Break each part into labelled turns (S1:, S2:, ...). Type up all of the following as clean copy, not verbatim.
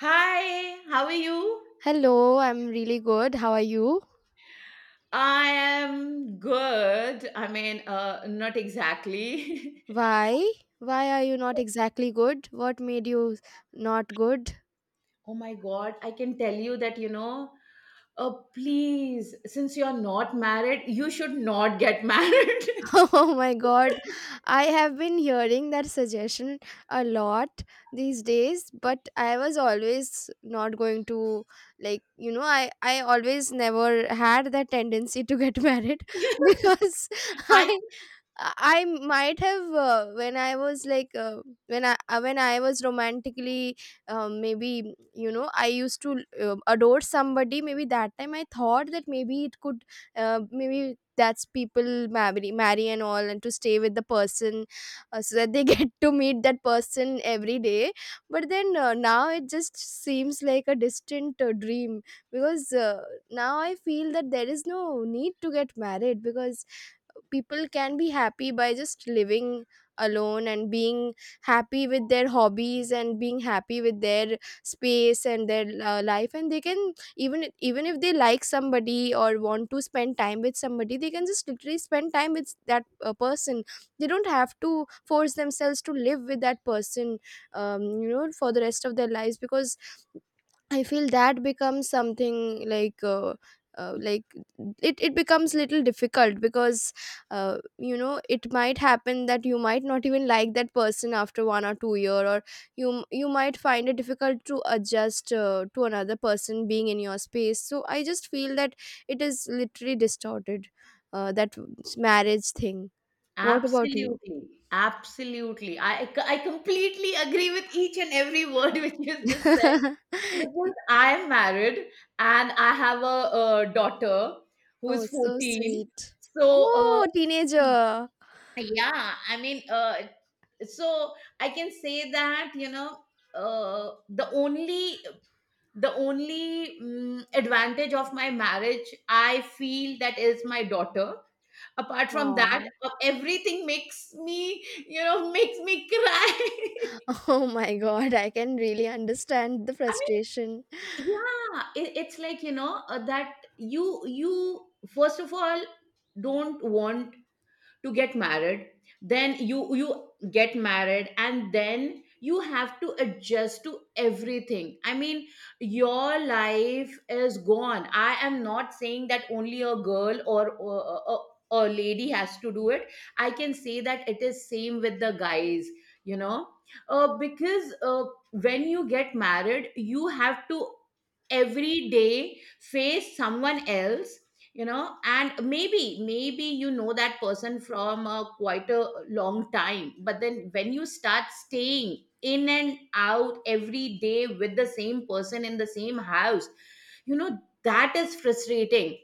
S1: Hi, how are you?
S2: Hello, I'm really good. How are you?
S1: I am good. I mean, not exactly.
S2: Why? Why are you not exactly good? What made you not good?
S1: Oh my God, I can tell you that, please, since you're not married, you should not get married.
S2: Oh my god, I have been hearing that suggestion a lot these days, but I was always not going to like I always never had that tendency to get married because
S1: I
S2: I I might have when I was like when I was romantically maybe I used to adore somebody. Maybe that time I thought that maybe it could, maybe that's, people marry and all and to stay with the person, so that they get to meet that person every day. But then, now it just seems like a distant dream, because, now I feel that there is no need to get married, because people can be happy by just living alone and being happy with their hobbies and being happy with their space and their life. And they can, even if they like somebody or want to spend time with somebody, they can just literally spend time with that person. They don't have to force themselves to live with that person, you know, for the rest of their lives, because I feel that becomes something like, like, it becomes little difficult, because, you know, it might happen that you might not even like that person after 1 or 2 year, or you might find it difficult to adjust, to another person being in your space. So I just feel that it is literally distorted, that marriage thing. What about you?
S1: absolutely, absolutely. I completely agree with each and every word which you just said because I am married and I have a daughter who
S2: Oh,
S1: is
S2: so
S1: 14.
S2: sweet.
S1: So, uh,
S2: Oh, teenager.
S1: Yeah, I mean, so I can say that, uh, the only the only advantage of my marriage, I feel, that is my daughter. Apart from that,
S2: Wow.
S1: everything makes me, you know, makes me cry.
S2: Oh my god, I can really understand the
S1: I
S2: frustration.
S1: mean, yeah, it's like, that you first of all don't want to get married, then you get married and then you have to adjust to everything. I mean, your life is gone. I am not saying that only a girl or a, a lady has to do it. I can say that it is same with the guys, you know because when you get married, you have to every day face someone else, you know. And maybe you know that person from a quite a long time, but then when you start staying in and out every day with the same person in the same house, you know, that is frustrating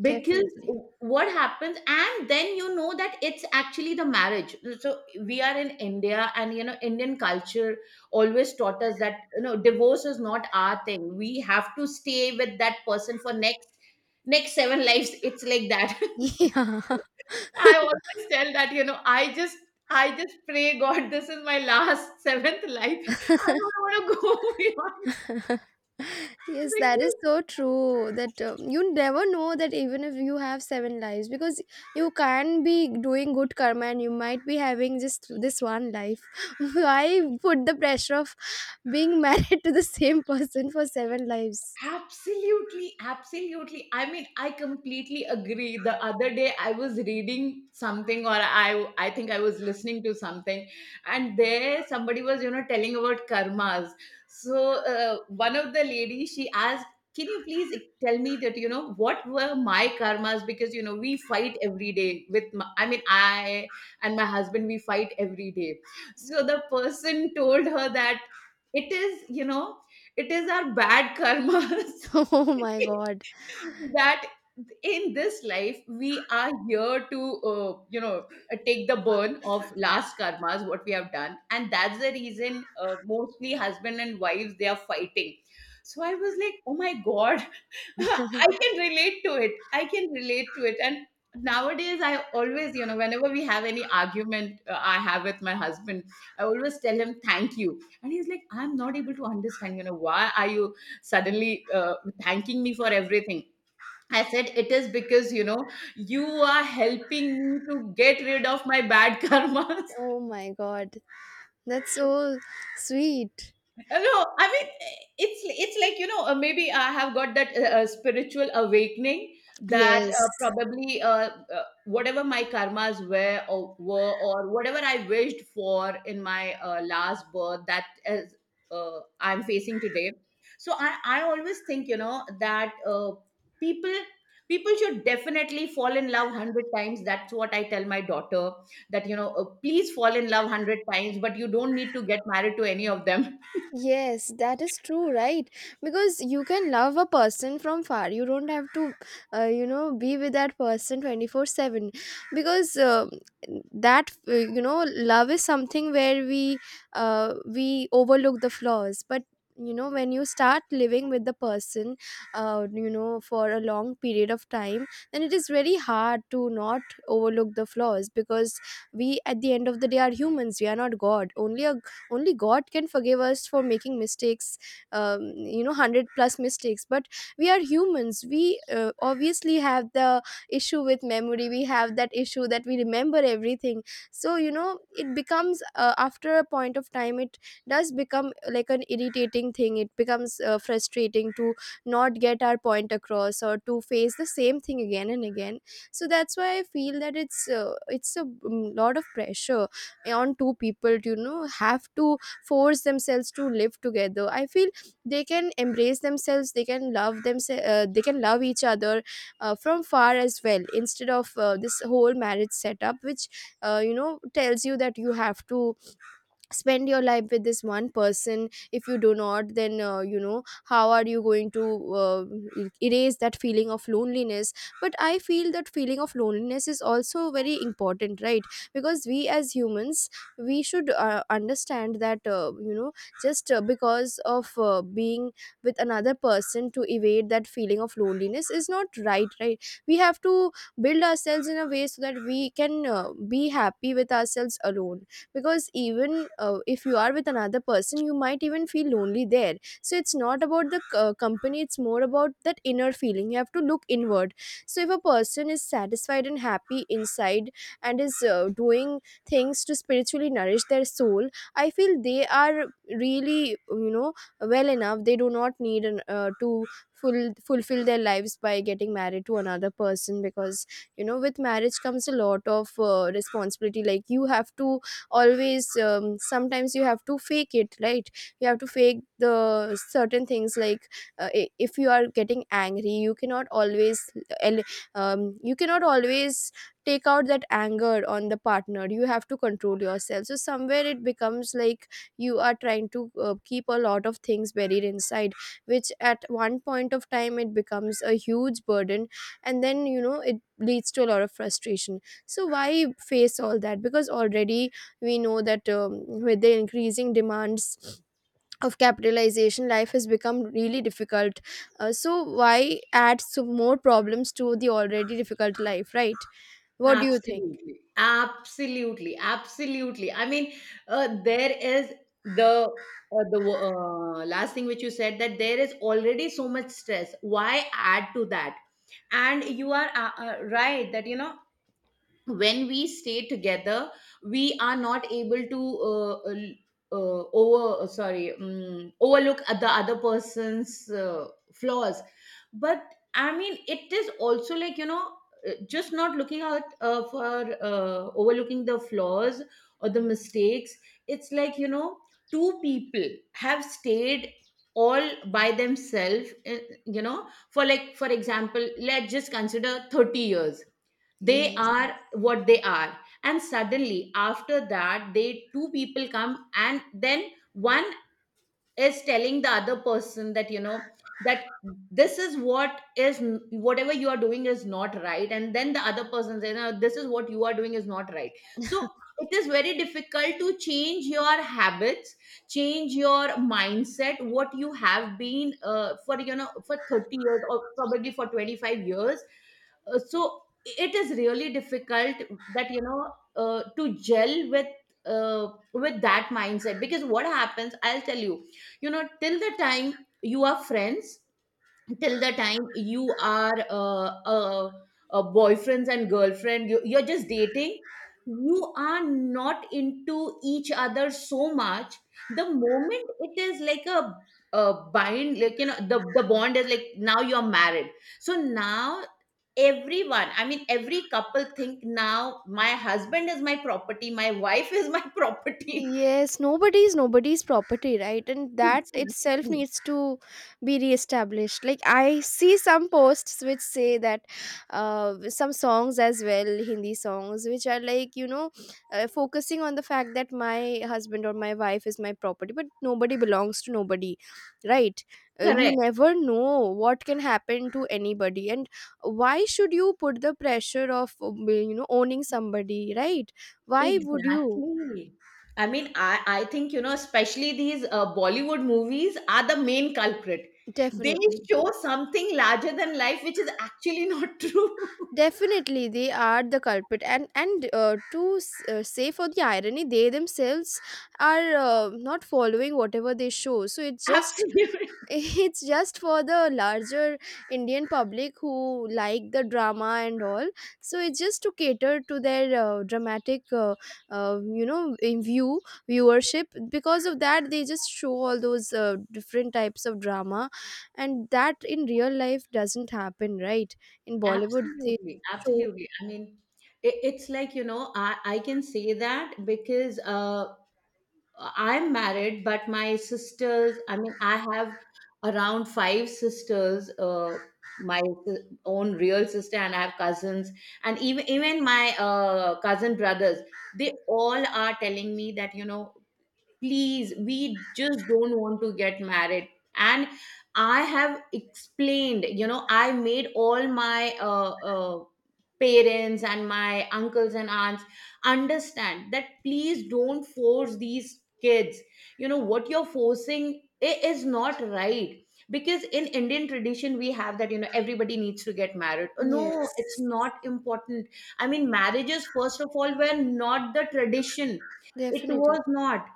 S1: because
S2: Definitely.
S1: what happens? And then you know that it's actually the marriage. So we are in India, and you know, Indian culture always taught us that, you know, divorce is not our thing. We have to stay with that person for next seven lives. It's like that.
S2: Yeah.
S1: I always tell that, you know, I just I just pray God this is my last seventh life. I don't want to go beyond
S2: Yes, that is
S1: because
S2: so true. That, you never know that, even if you have seven lives, because you can be doing good karma and you might be having just this one life. Why put the pressure of being married to the same person for seven lives?
S1: absolutely, absolutely. I mean, I completely agree. The other day I was reading something, or I think I was listening to something, and there somebody was, you know, telling about karmas. So one of the ladies, she asked, "Can you please, e, tell me that, you know, what were my karmas? Because, you know, we fight every day with my, I mean, I and my husband, we fight every day." So the person told her that it is, you know, it is our bad karmas.
S2: Oh my god.
S1: That in this life we are here to, take the burn of last karmas what we have done, and that's the reason, mostly husband and wives, they are fighting. So I was like, oh my God. I can relate to it. I can relate to it. And nowadays, I always, you know, whenever we have any argument, I have with my husband, I always tell him thank you. And he's like, I'm not able to understand, you know, why are you suddenly thanking me for everything? I said, it is because, you know, you are helping me to get rid of my bad karmas.
S2: Oh my god. That's so sweet.
S1: No, I mean, it's like, maybe I have got that spiritual awakening that,
S2: Yes.
S1: probably whatever my karmas were or whatever I wished for in my last birth, that is, I'm facing today. So I always think, you know, that people people should definitely fall in love 100 times. That's what I tell my daughter, that, please fall in love 100 times, but you don't need to get married to any of them.
S2: Yes, that is true, right? Because you can love a person from far. You don't have to, you know, be with that person 24/7. Because, that, you know, love is something where we, we overlook the flaws. But, you know, when you start living with the person, you know, for a long period of time, then it is very hard to not overlook the flaws, because we, at the end of the day, are humans. We are not God. Only God can forgive us for making mistakes, um, you know, 100 plus mistakes. But we are humans. We, obviously, have the issue with memory. We have that issue that we remember everything. So, you know, it becomes, after a point of time, it does become, like an irritating thing. It becomes, frustrating to not get our point across, or to face the same thing again and again. So that's why I feel that it's, it's a lot of pressure on two people to, you know, have to force themselves to live together. I feel they can embrace themselves, they can love themselves, they can love each other, from far as well, instead of, this whole marriage setup which, you know, tells you that you have to spend your life with this one person. If you do not, then, you know, how are you going to, uh, erase that feeling of loneliness? But I feel that feeling of loneliness is also very important, right? Because we, as humans, we should, understand that, you know, just, because of, being with another person to evade that feeling of loneliness is not right, right? We have to build ourselves in a way so that we can, be happy with ourselves alone. Because even, if you are with another person, you might even feel lonely there. So it's not about the, company. It's more about that inner feeling. You have to look inward. So if a person is satisfied and happy inside, and is, doing things to spiritually nourish their soul, I feel they are really, you know, well enough. They do not need to fulfill their lives by getting married to another person, because, you know, with marriage comes a lot of, responsibility. Like, you have to always, sometimes, you have to fake it, right? You have to fake the certain things, like, if you are getting angry, you cannot always, el- you cannot always take out that anger on the partner. You have to control yourself. So somewhere it becomes like you are trying to, keep a lot of things buried inside, which at one point of time it becomes a huge burden. And then, you know, it leads to a lot of frustration. So why face all that, because already we know that, with the increasing demands of capitalization, life has become really difficult, so why add some more problems to the already difficult life, right? What do you think?
S1: Absolutely, absolutely, absolutely. I mean, there is the last thing which you said, that there is already so much stress. Why add to that? And you are right, that, you know, when we stay together, we are not able to, over sorry, overlook the other person's flaws. But I mean, it is also like, you know, just not looking out, for overlooking the flaws or the mistakes. It's like, you know, two people have stayed all by themselves, for, like, for example, let's just consider 30 years. They
S2: Yes.
S1: are what they are, and suddenly after that, they, two people come, and then one is telling the other person that, you know, that this is what is, whatever you are doing is not right. And then the other person says, no, this is what you are doing is not right. So it is very difficult to change your habits, change your mindset what you have been, for, you know, for 30 years or probably for 25 years. So it is really difficult, that, to gel with that mindset. Because what happens, I'll tell you, you know, till the time you are friends, till the time you are, uh, boyfriends and girlfriend, you're just dating, you are not into each other so much. The moment it is like a bind, like, you know, the bond is like, now you're married. So now, everyone, I mean, every couple think, now my husband is my property, my wife is my property.
S2: Yes, nobody is nobody's property, right? And that itself
S1: Exactly.
S2: needs to be reestablished. Like, I see some posts which say that, some songs as well, Hindi songs, which are like, you know, focusing on the fact that my husband or my wife is my property, but nobody belongs to nobody, right? You
S1: Correct.
S2: never know what can happen to anybody, and why should you put the pressure of, you know, owning somebody, right? Why would you?
S1: Exactly. I mean, I think, you know, especially these Bollywood movies are the main culprit. They
S2: Definitely,
S1: show something larger than life, which is actually not true.
S2: definitely, they are the culprit, and, to say, for the irony, they themselves are, not following whatever they show. So it just,
S1: Absolutely.
S2: it's just for the larger Indian public who like the drama and all. So it's just to cater to their, dramatic, you know, in view viewership. Because of that they just show all those, different types of drama, and that in real life doesn't happen, right? In Bollywood they
S1: Absolutely,
S2: show.
S1: absolutely. I mean, it's like, you know, I can say that because, I'm married, but my sisters, I mean, I have around five sisters, my si- own real sister, and I have cousins, and even my cousin brothers. They all are telling me that, you know, please, we just don't want to get married. And I have explained, you know, I made all my parents and my uncles and aunts understand that please don't force these kids, you know what you're forcing. It is not right, because in Indian tradition we have that, you know, everybody needs to get married. No, it's
S2: Yes,
S1: not important. I mean, marriages first of all were not the tradition. It was
S2: definitely.
S1: not.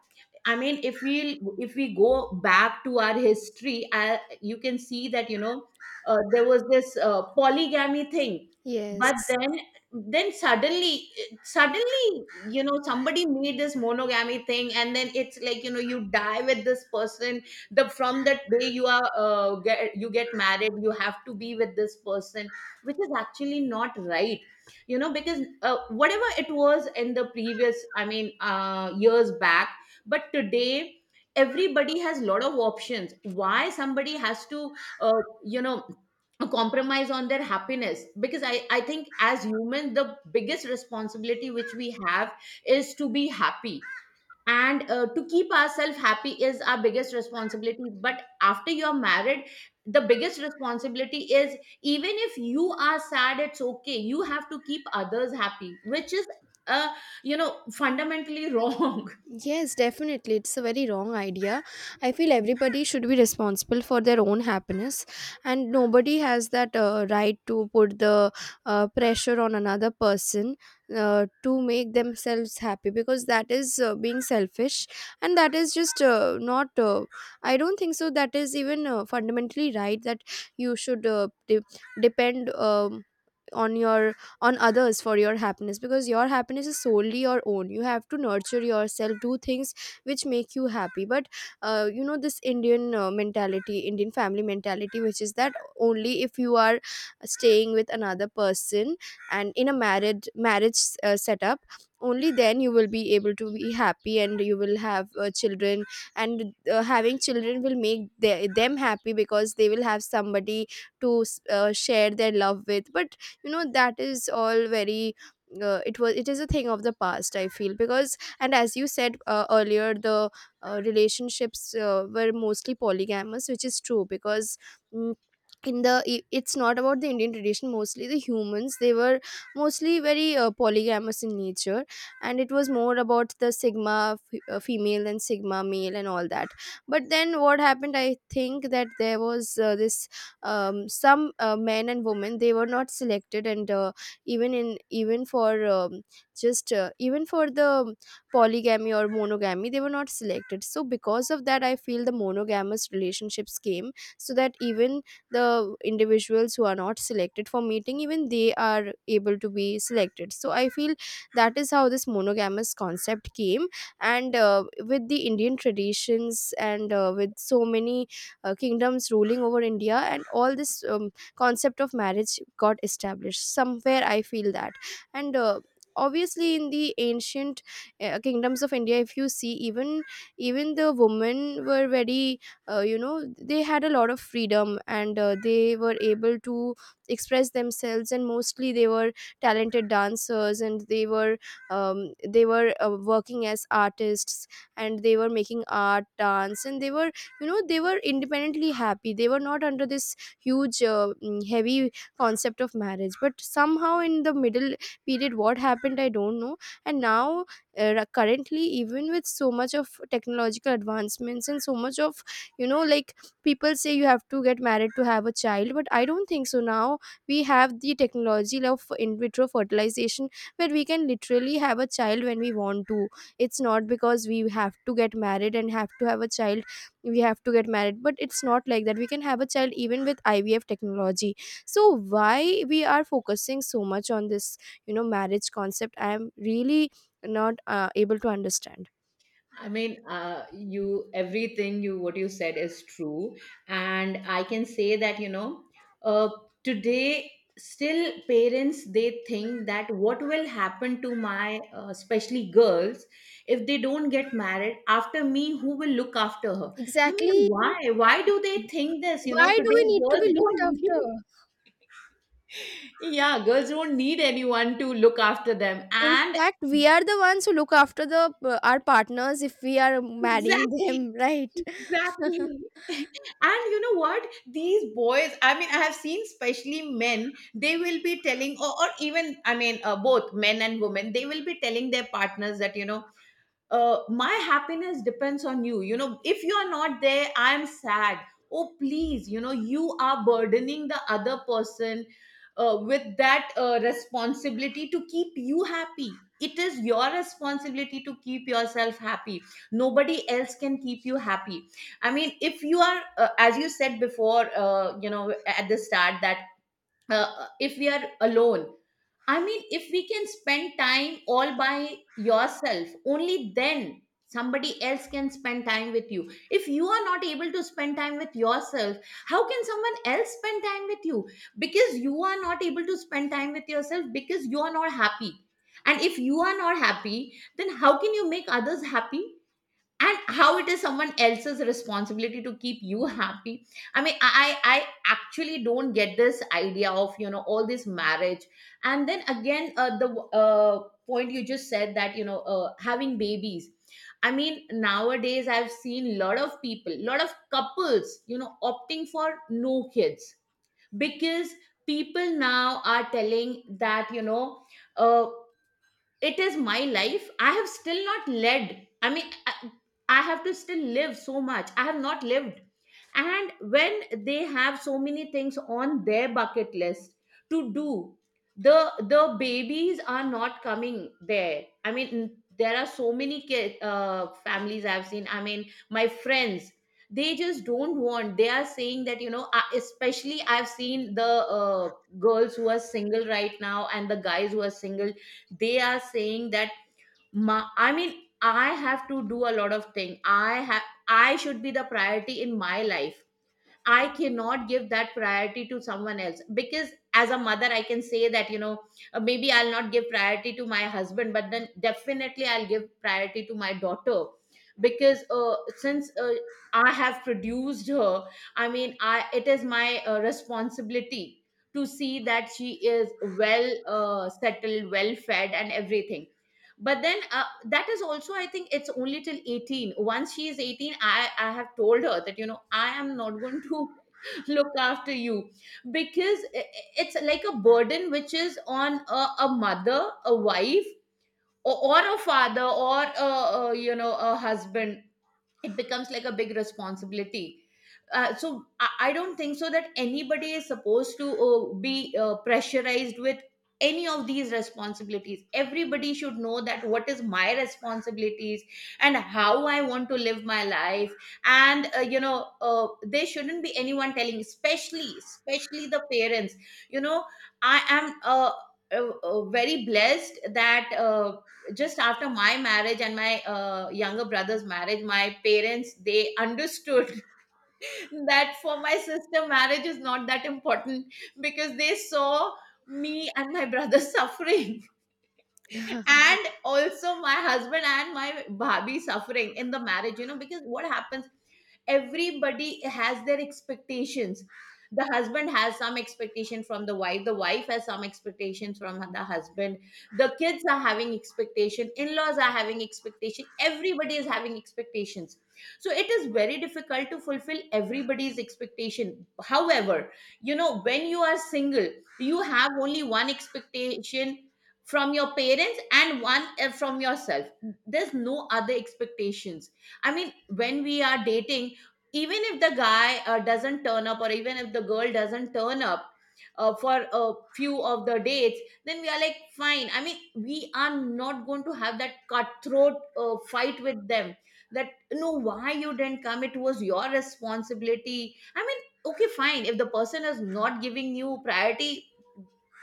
S1: I mean, if we, if we go back to our history, I, you can see that, you know, there was this polygamy thing, but
S2: Yes.
S1: then, suddenly, suddenly you know, somebody made this monogamy thing, and then it's like, you know, you die with this person. The, from that day you are, you get married, you have to be with this person, which is actually not right. You know, because, whatever it was in the previous, I mean, years back, but today everybody has a lot of options. Why somebody has to, uh, you know compromise on their happiness? Because I think, as humans, the biggest responsibility which we have is to be happy. And, to keep ourselves happy is our biggest responsibility. But after you're married, the biggest responsibility is, even if you are sad, it's okay, you have to keep others happy, which is, uh, fundamentally wrong.
S2: Yes, definitely. It's a very wrong idea. I feel everybody should be responsible for their own happiness, and nobody has that, right to put the, pressure on another person, to make themselves happy, because that is, being selfish, and that is just, not. I don't think so. That is even, fundamentally right that you should, depend, on your on others for your happiness. Because your happiness is solely your own. You have to nurture yourself, do things which make you happy. But, you know, this Indian, mentality, Indian family mentality, which is that only if you are staying with another person, and in a married marriage, setup, only then you will be able to be happy and you will have, children, and, having children will make them happy, because they will have somebody to share their love with. But you know that is all very, it is a thing of the past, I feel. Because, and as you said, earlier, the, relationships, were mostly polygamous, which is true because, mm, in the, it's not about the Indian tradition. Mostly the humans, they were mostly very, polygamous in nature. And it was more about the sigma, female and sigma male and all that. But then what happened, I think that there was, this, some, men and women they were not selected, and, even for, just, even for the polygamy or monogamy they were not selected. So because of that I feel the monogamous relationships came, so that even the individuals who are not selected for meeting, even they are able to be selected. So I feel that is how this monogamous concept came. And, with the Indian traditions, and, with so many, kingdoms ruling over India, and all this, concept of marriage got established. Somewhere I feel that. And obviously, in the ancient kingdoms of India, if you see, even the women were very, they had a lot of freedom. And they were able to express themselves, and mostly they were talented dancers, and they were working as artists, and they were making art, dance, and they were independently happy. They were not under this huge heavy concept of marriage. But somehow in the middle period, what happened, I don't know. And now, currently, even with so much of technological advancements and so much of, you know like people say you have to get married to have a child, but I don't think so. Now we have the technology of in vitro fertilization, where we can literally have a child when we want to. It's not because we have to get married and have to have a child. We have to get married, but it's not like that. We can have a child even with IVF technology. So why we are focusing so much on this, marriage concept, I am really not able to understand.
S1: I mean, you, everything you, what you said is true, and I can say that, you know, uh, today, still parents they think that what will happen to my, especially girls, if they don't get married after me, who will look after her? I mean,
S2: Exactly.
S1: why do they think this? You know,
S2: Why do
S1: today
S2: we need to
S1: girls
S2: be looked
S1: don't
S2: after?
S1: need, yeah, girls don't need anyone to look after them,
S2: In
S1: and
S2: fact, we are the ones who look after, the our partners, if we are marrying
S1: exactly.
S2: them, right.
S1: Exactly. And you know what? These boys, I mean, I have seen especially men, they will be telling, or even, I mean, both men and women, they will be telling their partners that, you know, my happiness depends on you. You know, if you are not there, I am sad. Oh, please, you know, you are burdening the other person, with that responsibility to keep you happy. It is your responsibility to keep yourself happy. Nobody else can keep you happy. I mean, if you are, as you said before, you know, at the start, that, if we are alone, I mean, if we can spend time all by yourself, only then somebody else can spend time with you. If you are not able to spend time with yourself, how can someone else spend time with you? Because you are not able to spend time with yourself because you are not happy. And if you are not happy, then how can you make others happy? And how it is someone else's responsibility to keep you happy? I actually don't get this idea of all this marriage. And then again, the point you just said that, having babies. I mean, nowadays I've seen a lot of couples, opting for no kids, because people now are telling that, uh, it is my life, I have still not led. I have to still live so much, I have not lived. And when they have so many things on their bucket list to do, the babies are not coming there. I mean, there are so many families I've seen. I mean, my friends, they just don't want, they are saying that, especially I've seen the girls who are single right now and the guys who are single, they are saying that I have to do a lot of thing, I have, I should be the priority in my life. I cannot give that priority to someone else because, as a mother, I can say that, you know, maybe I'll not give priority to my husband, but then definitely I'll give priority to my daughter because, since I have produced her, I mean, I it is my responsibility to see that she is well settled, well fed, and everything. But then that is also, I think, it's only till 18. Once she is 18, I have told her that, you know, I am not going to look after you because it's like a burden which is on a mother, a wife, or a father, or a you know a husband. It becomes like a big responsibility. So I don't think so that anybody is supposed to be pressurized with any of these responsibilities. Everybody should know that what is my responsibilities and how I want to live my life. And you know There shouldn't be anyone telling, especially the parents, you know. I am very blessed that, just after my marriage and my younger brother's marriage, my parents, they understood that for my sister, marriage is not that important because they saw me and my brother suffering, and also my husband and my bhabi suffering in the marriage. You know, because what happens, everybody has their expectations. The husband has some expectation from the wife, the wife has some expectations from the husband, the kids are having expectation, in-laws are having expectation, everybody is having expectations. So it is very difficult to fulfill everybody's expectation. However, you know, when you are single, you have only one expectation from your parents and one, from yourself. There's no other expectations. I mean, when we are dating, even if the guy doesn't turn up, or even if the girl doesn't turn up for a few of the dates, then we are like, fine. I mean, we are not going to have that cutthroat fight with them that, no, why you didn't come, it was your responsibility. I mean, okay, fine, if the person is not giving you priority,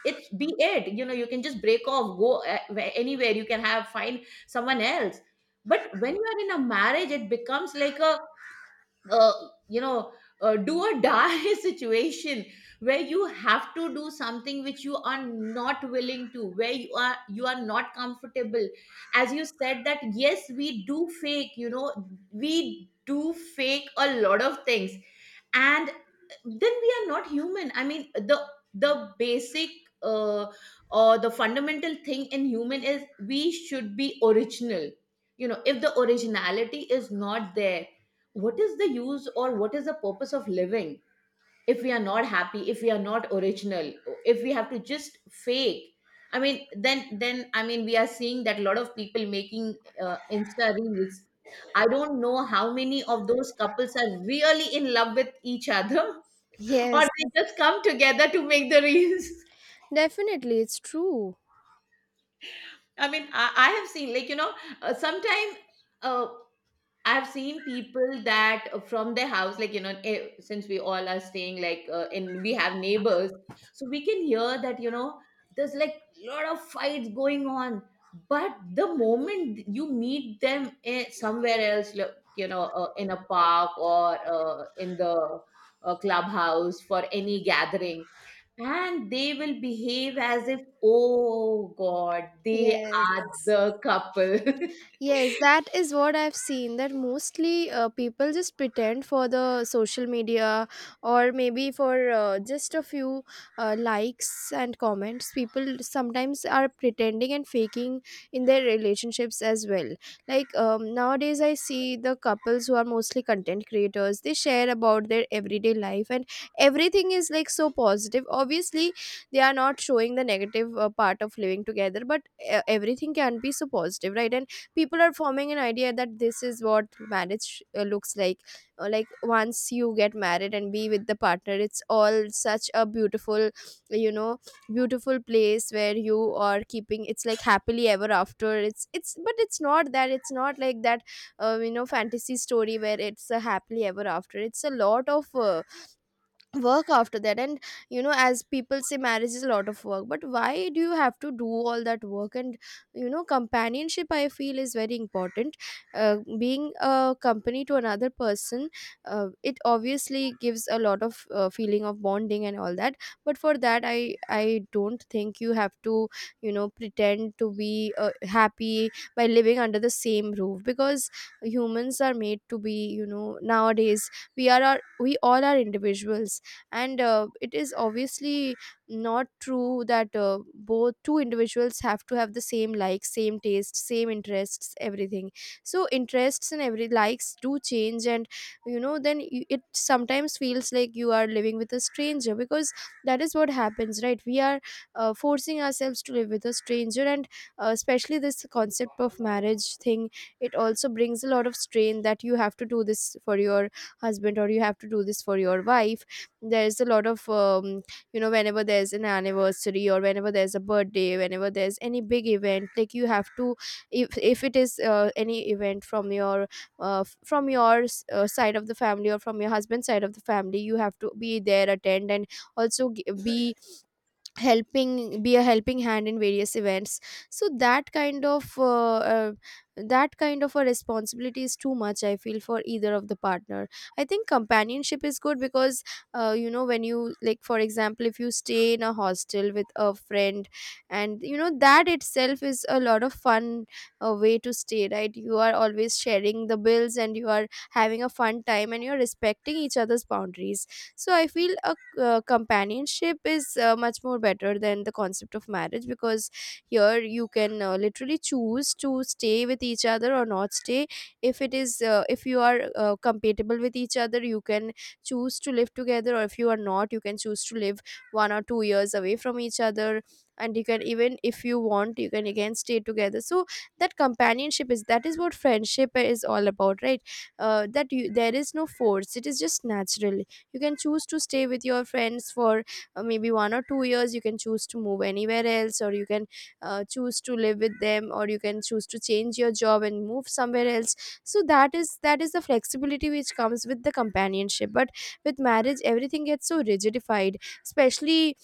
S1: it's be it. You know, you can just break off, go, anywhere, you can have find someone else. But when you are in a marriage, it becomes like a, uh, you know do or die situation, where you have to do something which you are not willing to, where you are not comfortable. As you said that, yes, we do fake, you know, we do fake a lot of things. And then we are not human. I mean, the basic, uh, or the fundamental thing in human is we should be original. You know, if the originality is not there, what is the use or what is the purpose of living if we are not happy, if we are not original, if we have to just fake? I mean, then I mean, we are seeing that a lot of people making insta reels. I don't know how many of those couples are really in love with each other, or
S2: Yes.
S1: they just come together to make the reels.
S2: Definitely, it's true.
S1: I mean, I have seen, like, you know, sometime uh, I've seen people that, from their house, like, you know, since we all are staying, like, and we have neighbors, so we can hear that, you know, there's like a lot of fights going on. But the moment you meet them somewhere else, like, you know, in a park, or in the clubhouse for any gathering, and they will behave as if, oh God, they are
S2: Yes.
S1: the couple.
S2: Yes, that is what I've seen. That mostly people just pretend for the social media, or maybe for just a few likes and comments. People sometimes are pretending and faking in their relationships as well. Like, nowadays, I see the couples who are mostly content creators. They share about their everyday life, and everything is like so positive. Obviously, they are not showing the negative part of living together, but everything can be so positive, right? And people are forming an idea that this is what marriage looks like. Like, once you get married and be with the partner, it's all such a beautiful, you know beautiful place where you are keeping. It's like happily ever after. It's but it's not that. It's not like that fantasy story, where it's a happily ever after. It's a lot of work after that. And as people say, marriage is a lot of work. But why do you have to do all that work? And companionship, I feel, is very important. Being a company to another person it obviously gives a lot of feeling of bonding and all that. But for that, I don't think you have to, pretend to be happy by living under the same roof, because humans are made to be. Nowadays, we all are individuals. And it is obviously not true that both two individuals have to have the same likes, same tastes, same interests, everything. So interests and every likes do change. And then it sometimes feels like you are living with a stranger, because that is what happens, right? We are forcing ourselves to live with a stranger. And especially this concept of marriage thing, it also brings a lot of strain, that you have to do this for your husband, or you have to do this for your wife. There's a lot of, whenever there's an anniversary, or whenever there's a birthday, whenever there's any big event, like you have to, if it is any event from your side of the family, or from your husband's side of the family, you have to be there, attend, and also be a helping hand in various events. So that kind of a responsibility is too much, I feel, for either of the partner. I think companionship is good because, when you, like, for example, if you stay in a hostel with a friend, and that itself is a lot of fun way to stay, right? You are always sharing the bills and you are having a fun time, and you're respecting each other's boundaries. So I feel a companionship is much more better than the concept of marriage, because here you can literally choose to stay with each other or not stay. If it is uh, if you are compatible with each other, you can choose to live together. Or if you are not, you can choose to live 1 or 2 years away from each other. And you can, even if you want, you can again stay together. So that is what friendship is all about, right? There is no force. It is just natural. You can choose to stay with your friends for maybe 1 or 2 years. You can choose to move anywhere else, or you can choose to live with them, or you can choose to change your job and move somewhere else. So that is the flexibility which comes with the companionship. But with marriage, everything gets so rigidified. Especially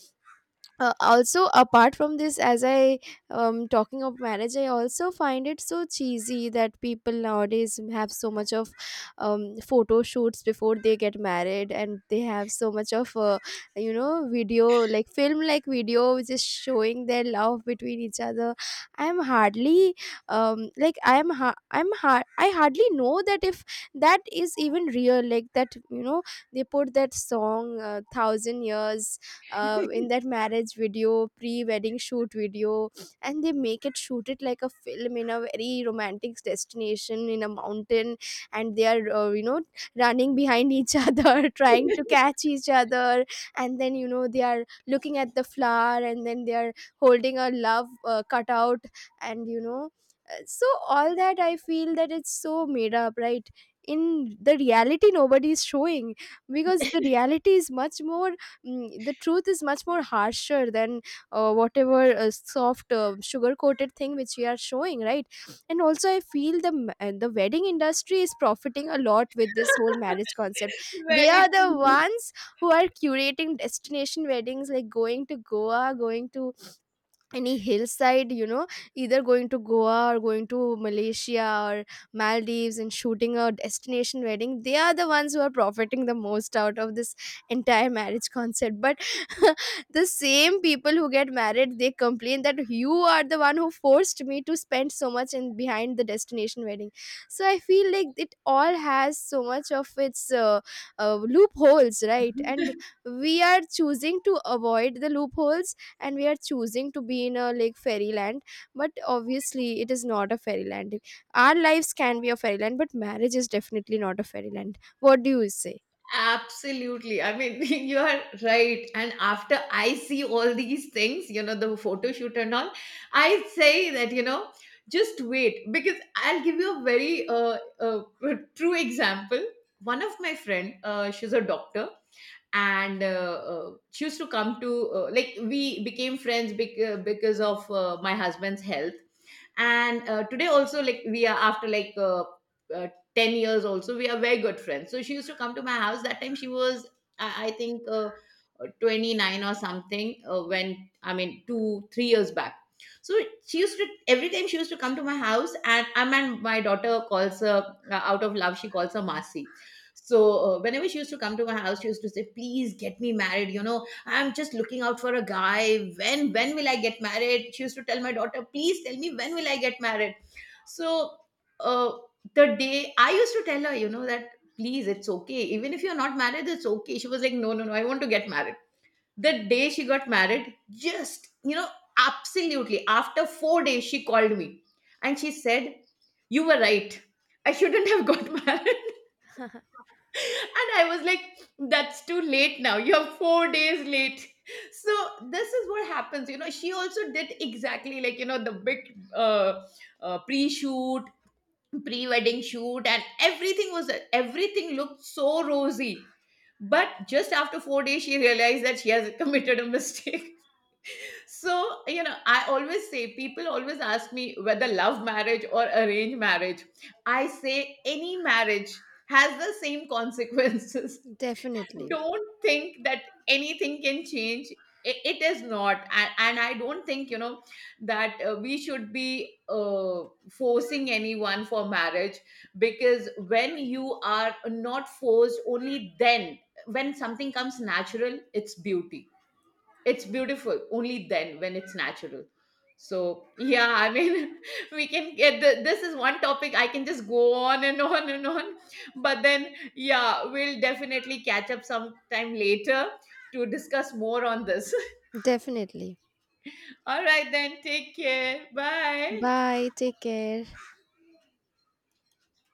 S2: also, apart from this, as I talking of marriage, I also find it so cheesy that people nowadays have so much of photo shoots before they get married, and they have so much of video, like film like video, which is showing their love between each other. I'm hardly like I hardly know that if that is even real, like that, they put that song, thousand years, in that marriage video, pre-wedding shoot video. And they make it shoot it like a film in a very romantic destination in a mountain. And they are running behind each other, trying to catch each other. And then, they are looking at the flower, and then they are holding a love cutout. And so all that, I feel, that it's so made up, right? In the reality, nobody is showing, because the reality is much more, the truth is much more harsher than whatever soft, sugar coated thing which we are showing, right? And also, I feel the wedding industry is profiting a lot with this whole marriage concept. They
S1: Very
S2: are the
S1: true.
S2: ones who are curating destination weddings, like going to Goa, going to any hillside, either going to Goa or going to Malaysia or Maldives, and shooting a destination wedding. They are the ones who are profiting the most out of this entire marriage concept. But the same people who get married, they complain that you are the one who forced me to spend so much in behind the destination wedding. So I feel like it all has so much of its loopholes, right? And we are choosing to avoid the loopholes, and we are choosing to be in a, like, fairyland. But obviously, it is not a fairyland. Our lives can be a fairyland, but marriage is definitely not a fairyland. What do you say?
S1: Absolutely. I mean, you are right. And after I see all these things, you know, the photo shoot and all, I say that, you know, just wait, because I'll give you a very true example. One of my friend, she's a doctor, and she used to come to, like, we became friends because of my husband's health. And today also, like, we are after like, uh, 10 years also we are very good friends. So she used to come to my house. That time she was, I think, 29 or something, when, I mean, 2 3 years back. So she used to, every time she used to come to my house, and, I mean, my daughter calls her, out of love, she calls her masi. So, whenever she used to come to my house, she used to say, please get me married, you know, I'm just looking out for a guy, when will I get married? She used to tell my daughter, please tell me when will I get married. So, uh, the day I used to tell her, you know, that please, it's okay, even if you're not married, it's okay, she was like, no, no, no, I want to get married. The day she got married, just, you know, absolutely, after 4 days, she called me and she said, you were right, I shouldn't have got married. And I was like, that's too late now, you're 4 days late. So this is what happens. You know, she also did exactly like, you know, the big, uh, pre shoot pre-wedding shoot, and everything was, everything looked so rosy, but just after 4 days she realized that she has committed a mistake. So, you know, I always say, people always ask me, whether love marriage or arranged marriage, I say any marriage has the same consequences.
S2: Definitely.
S1: Don't think that anything can change. It is not, and I don't think, you know, that we should be forcing anyone for marriage, because when you are not forced, only then, when something comes natural, it's beauty. It's beautiful only then, when it's natural. So yeah, I mean, we can get the, this is one topic I can just go on and on and on. But then yeah, we'll definitely catch up sometime later to discuss more on this.
S2: Definitely.
S1: All right then, take care. Bye.
S2: Bye. Take care.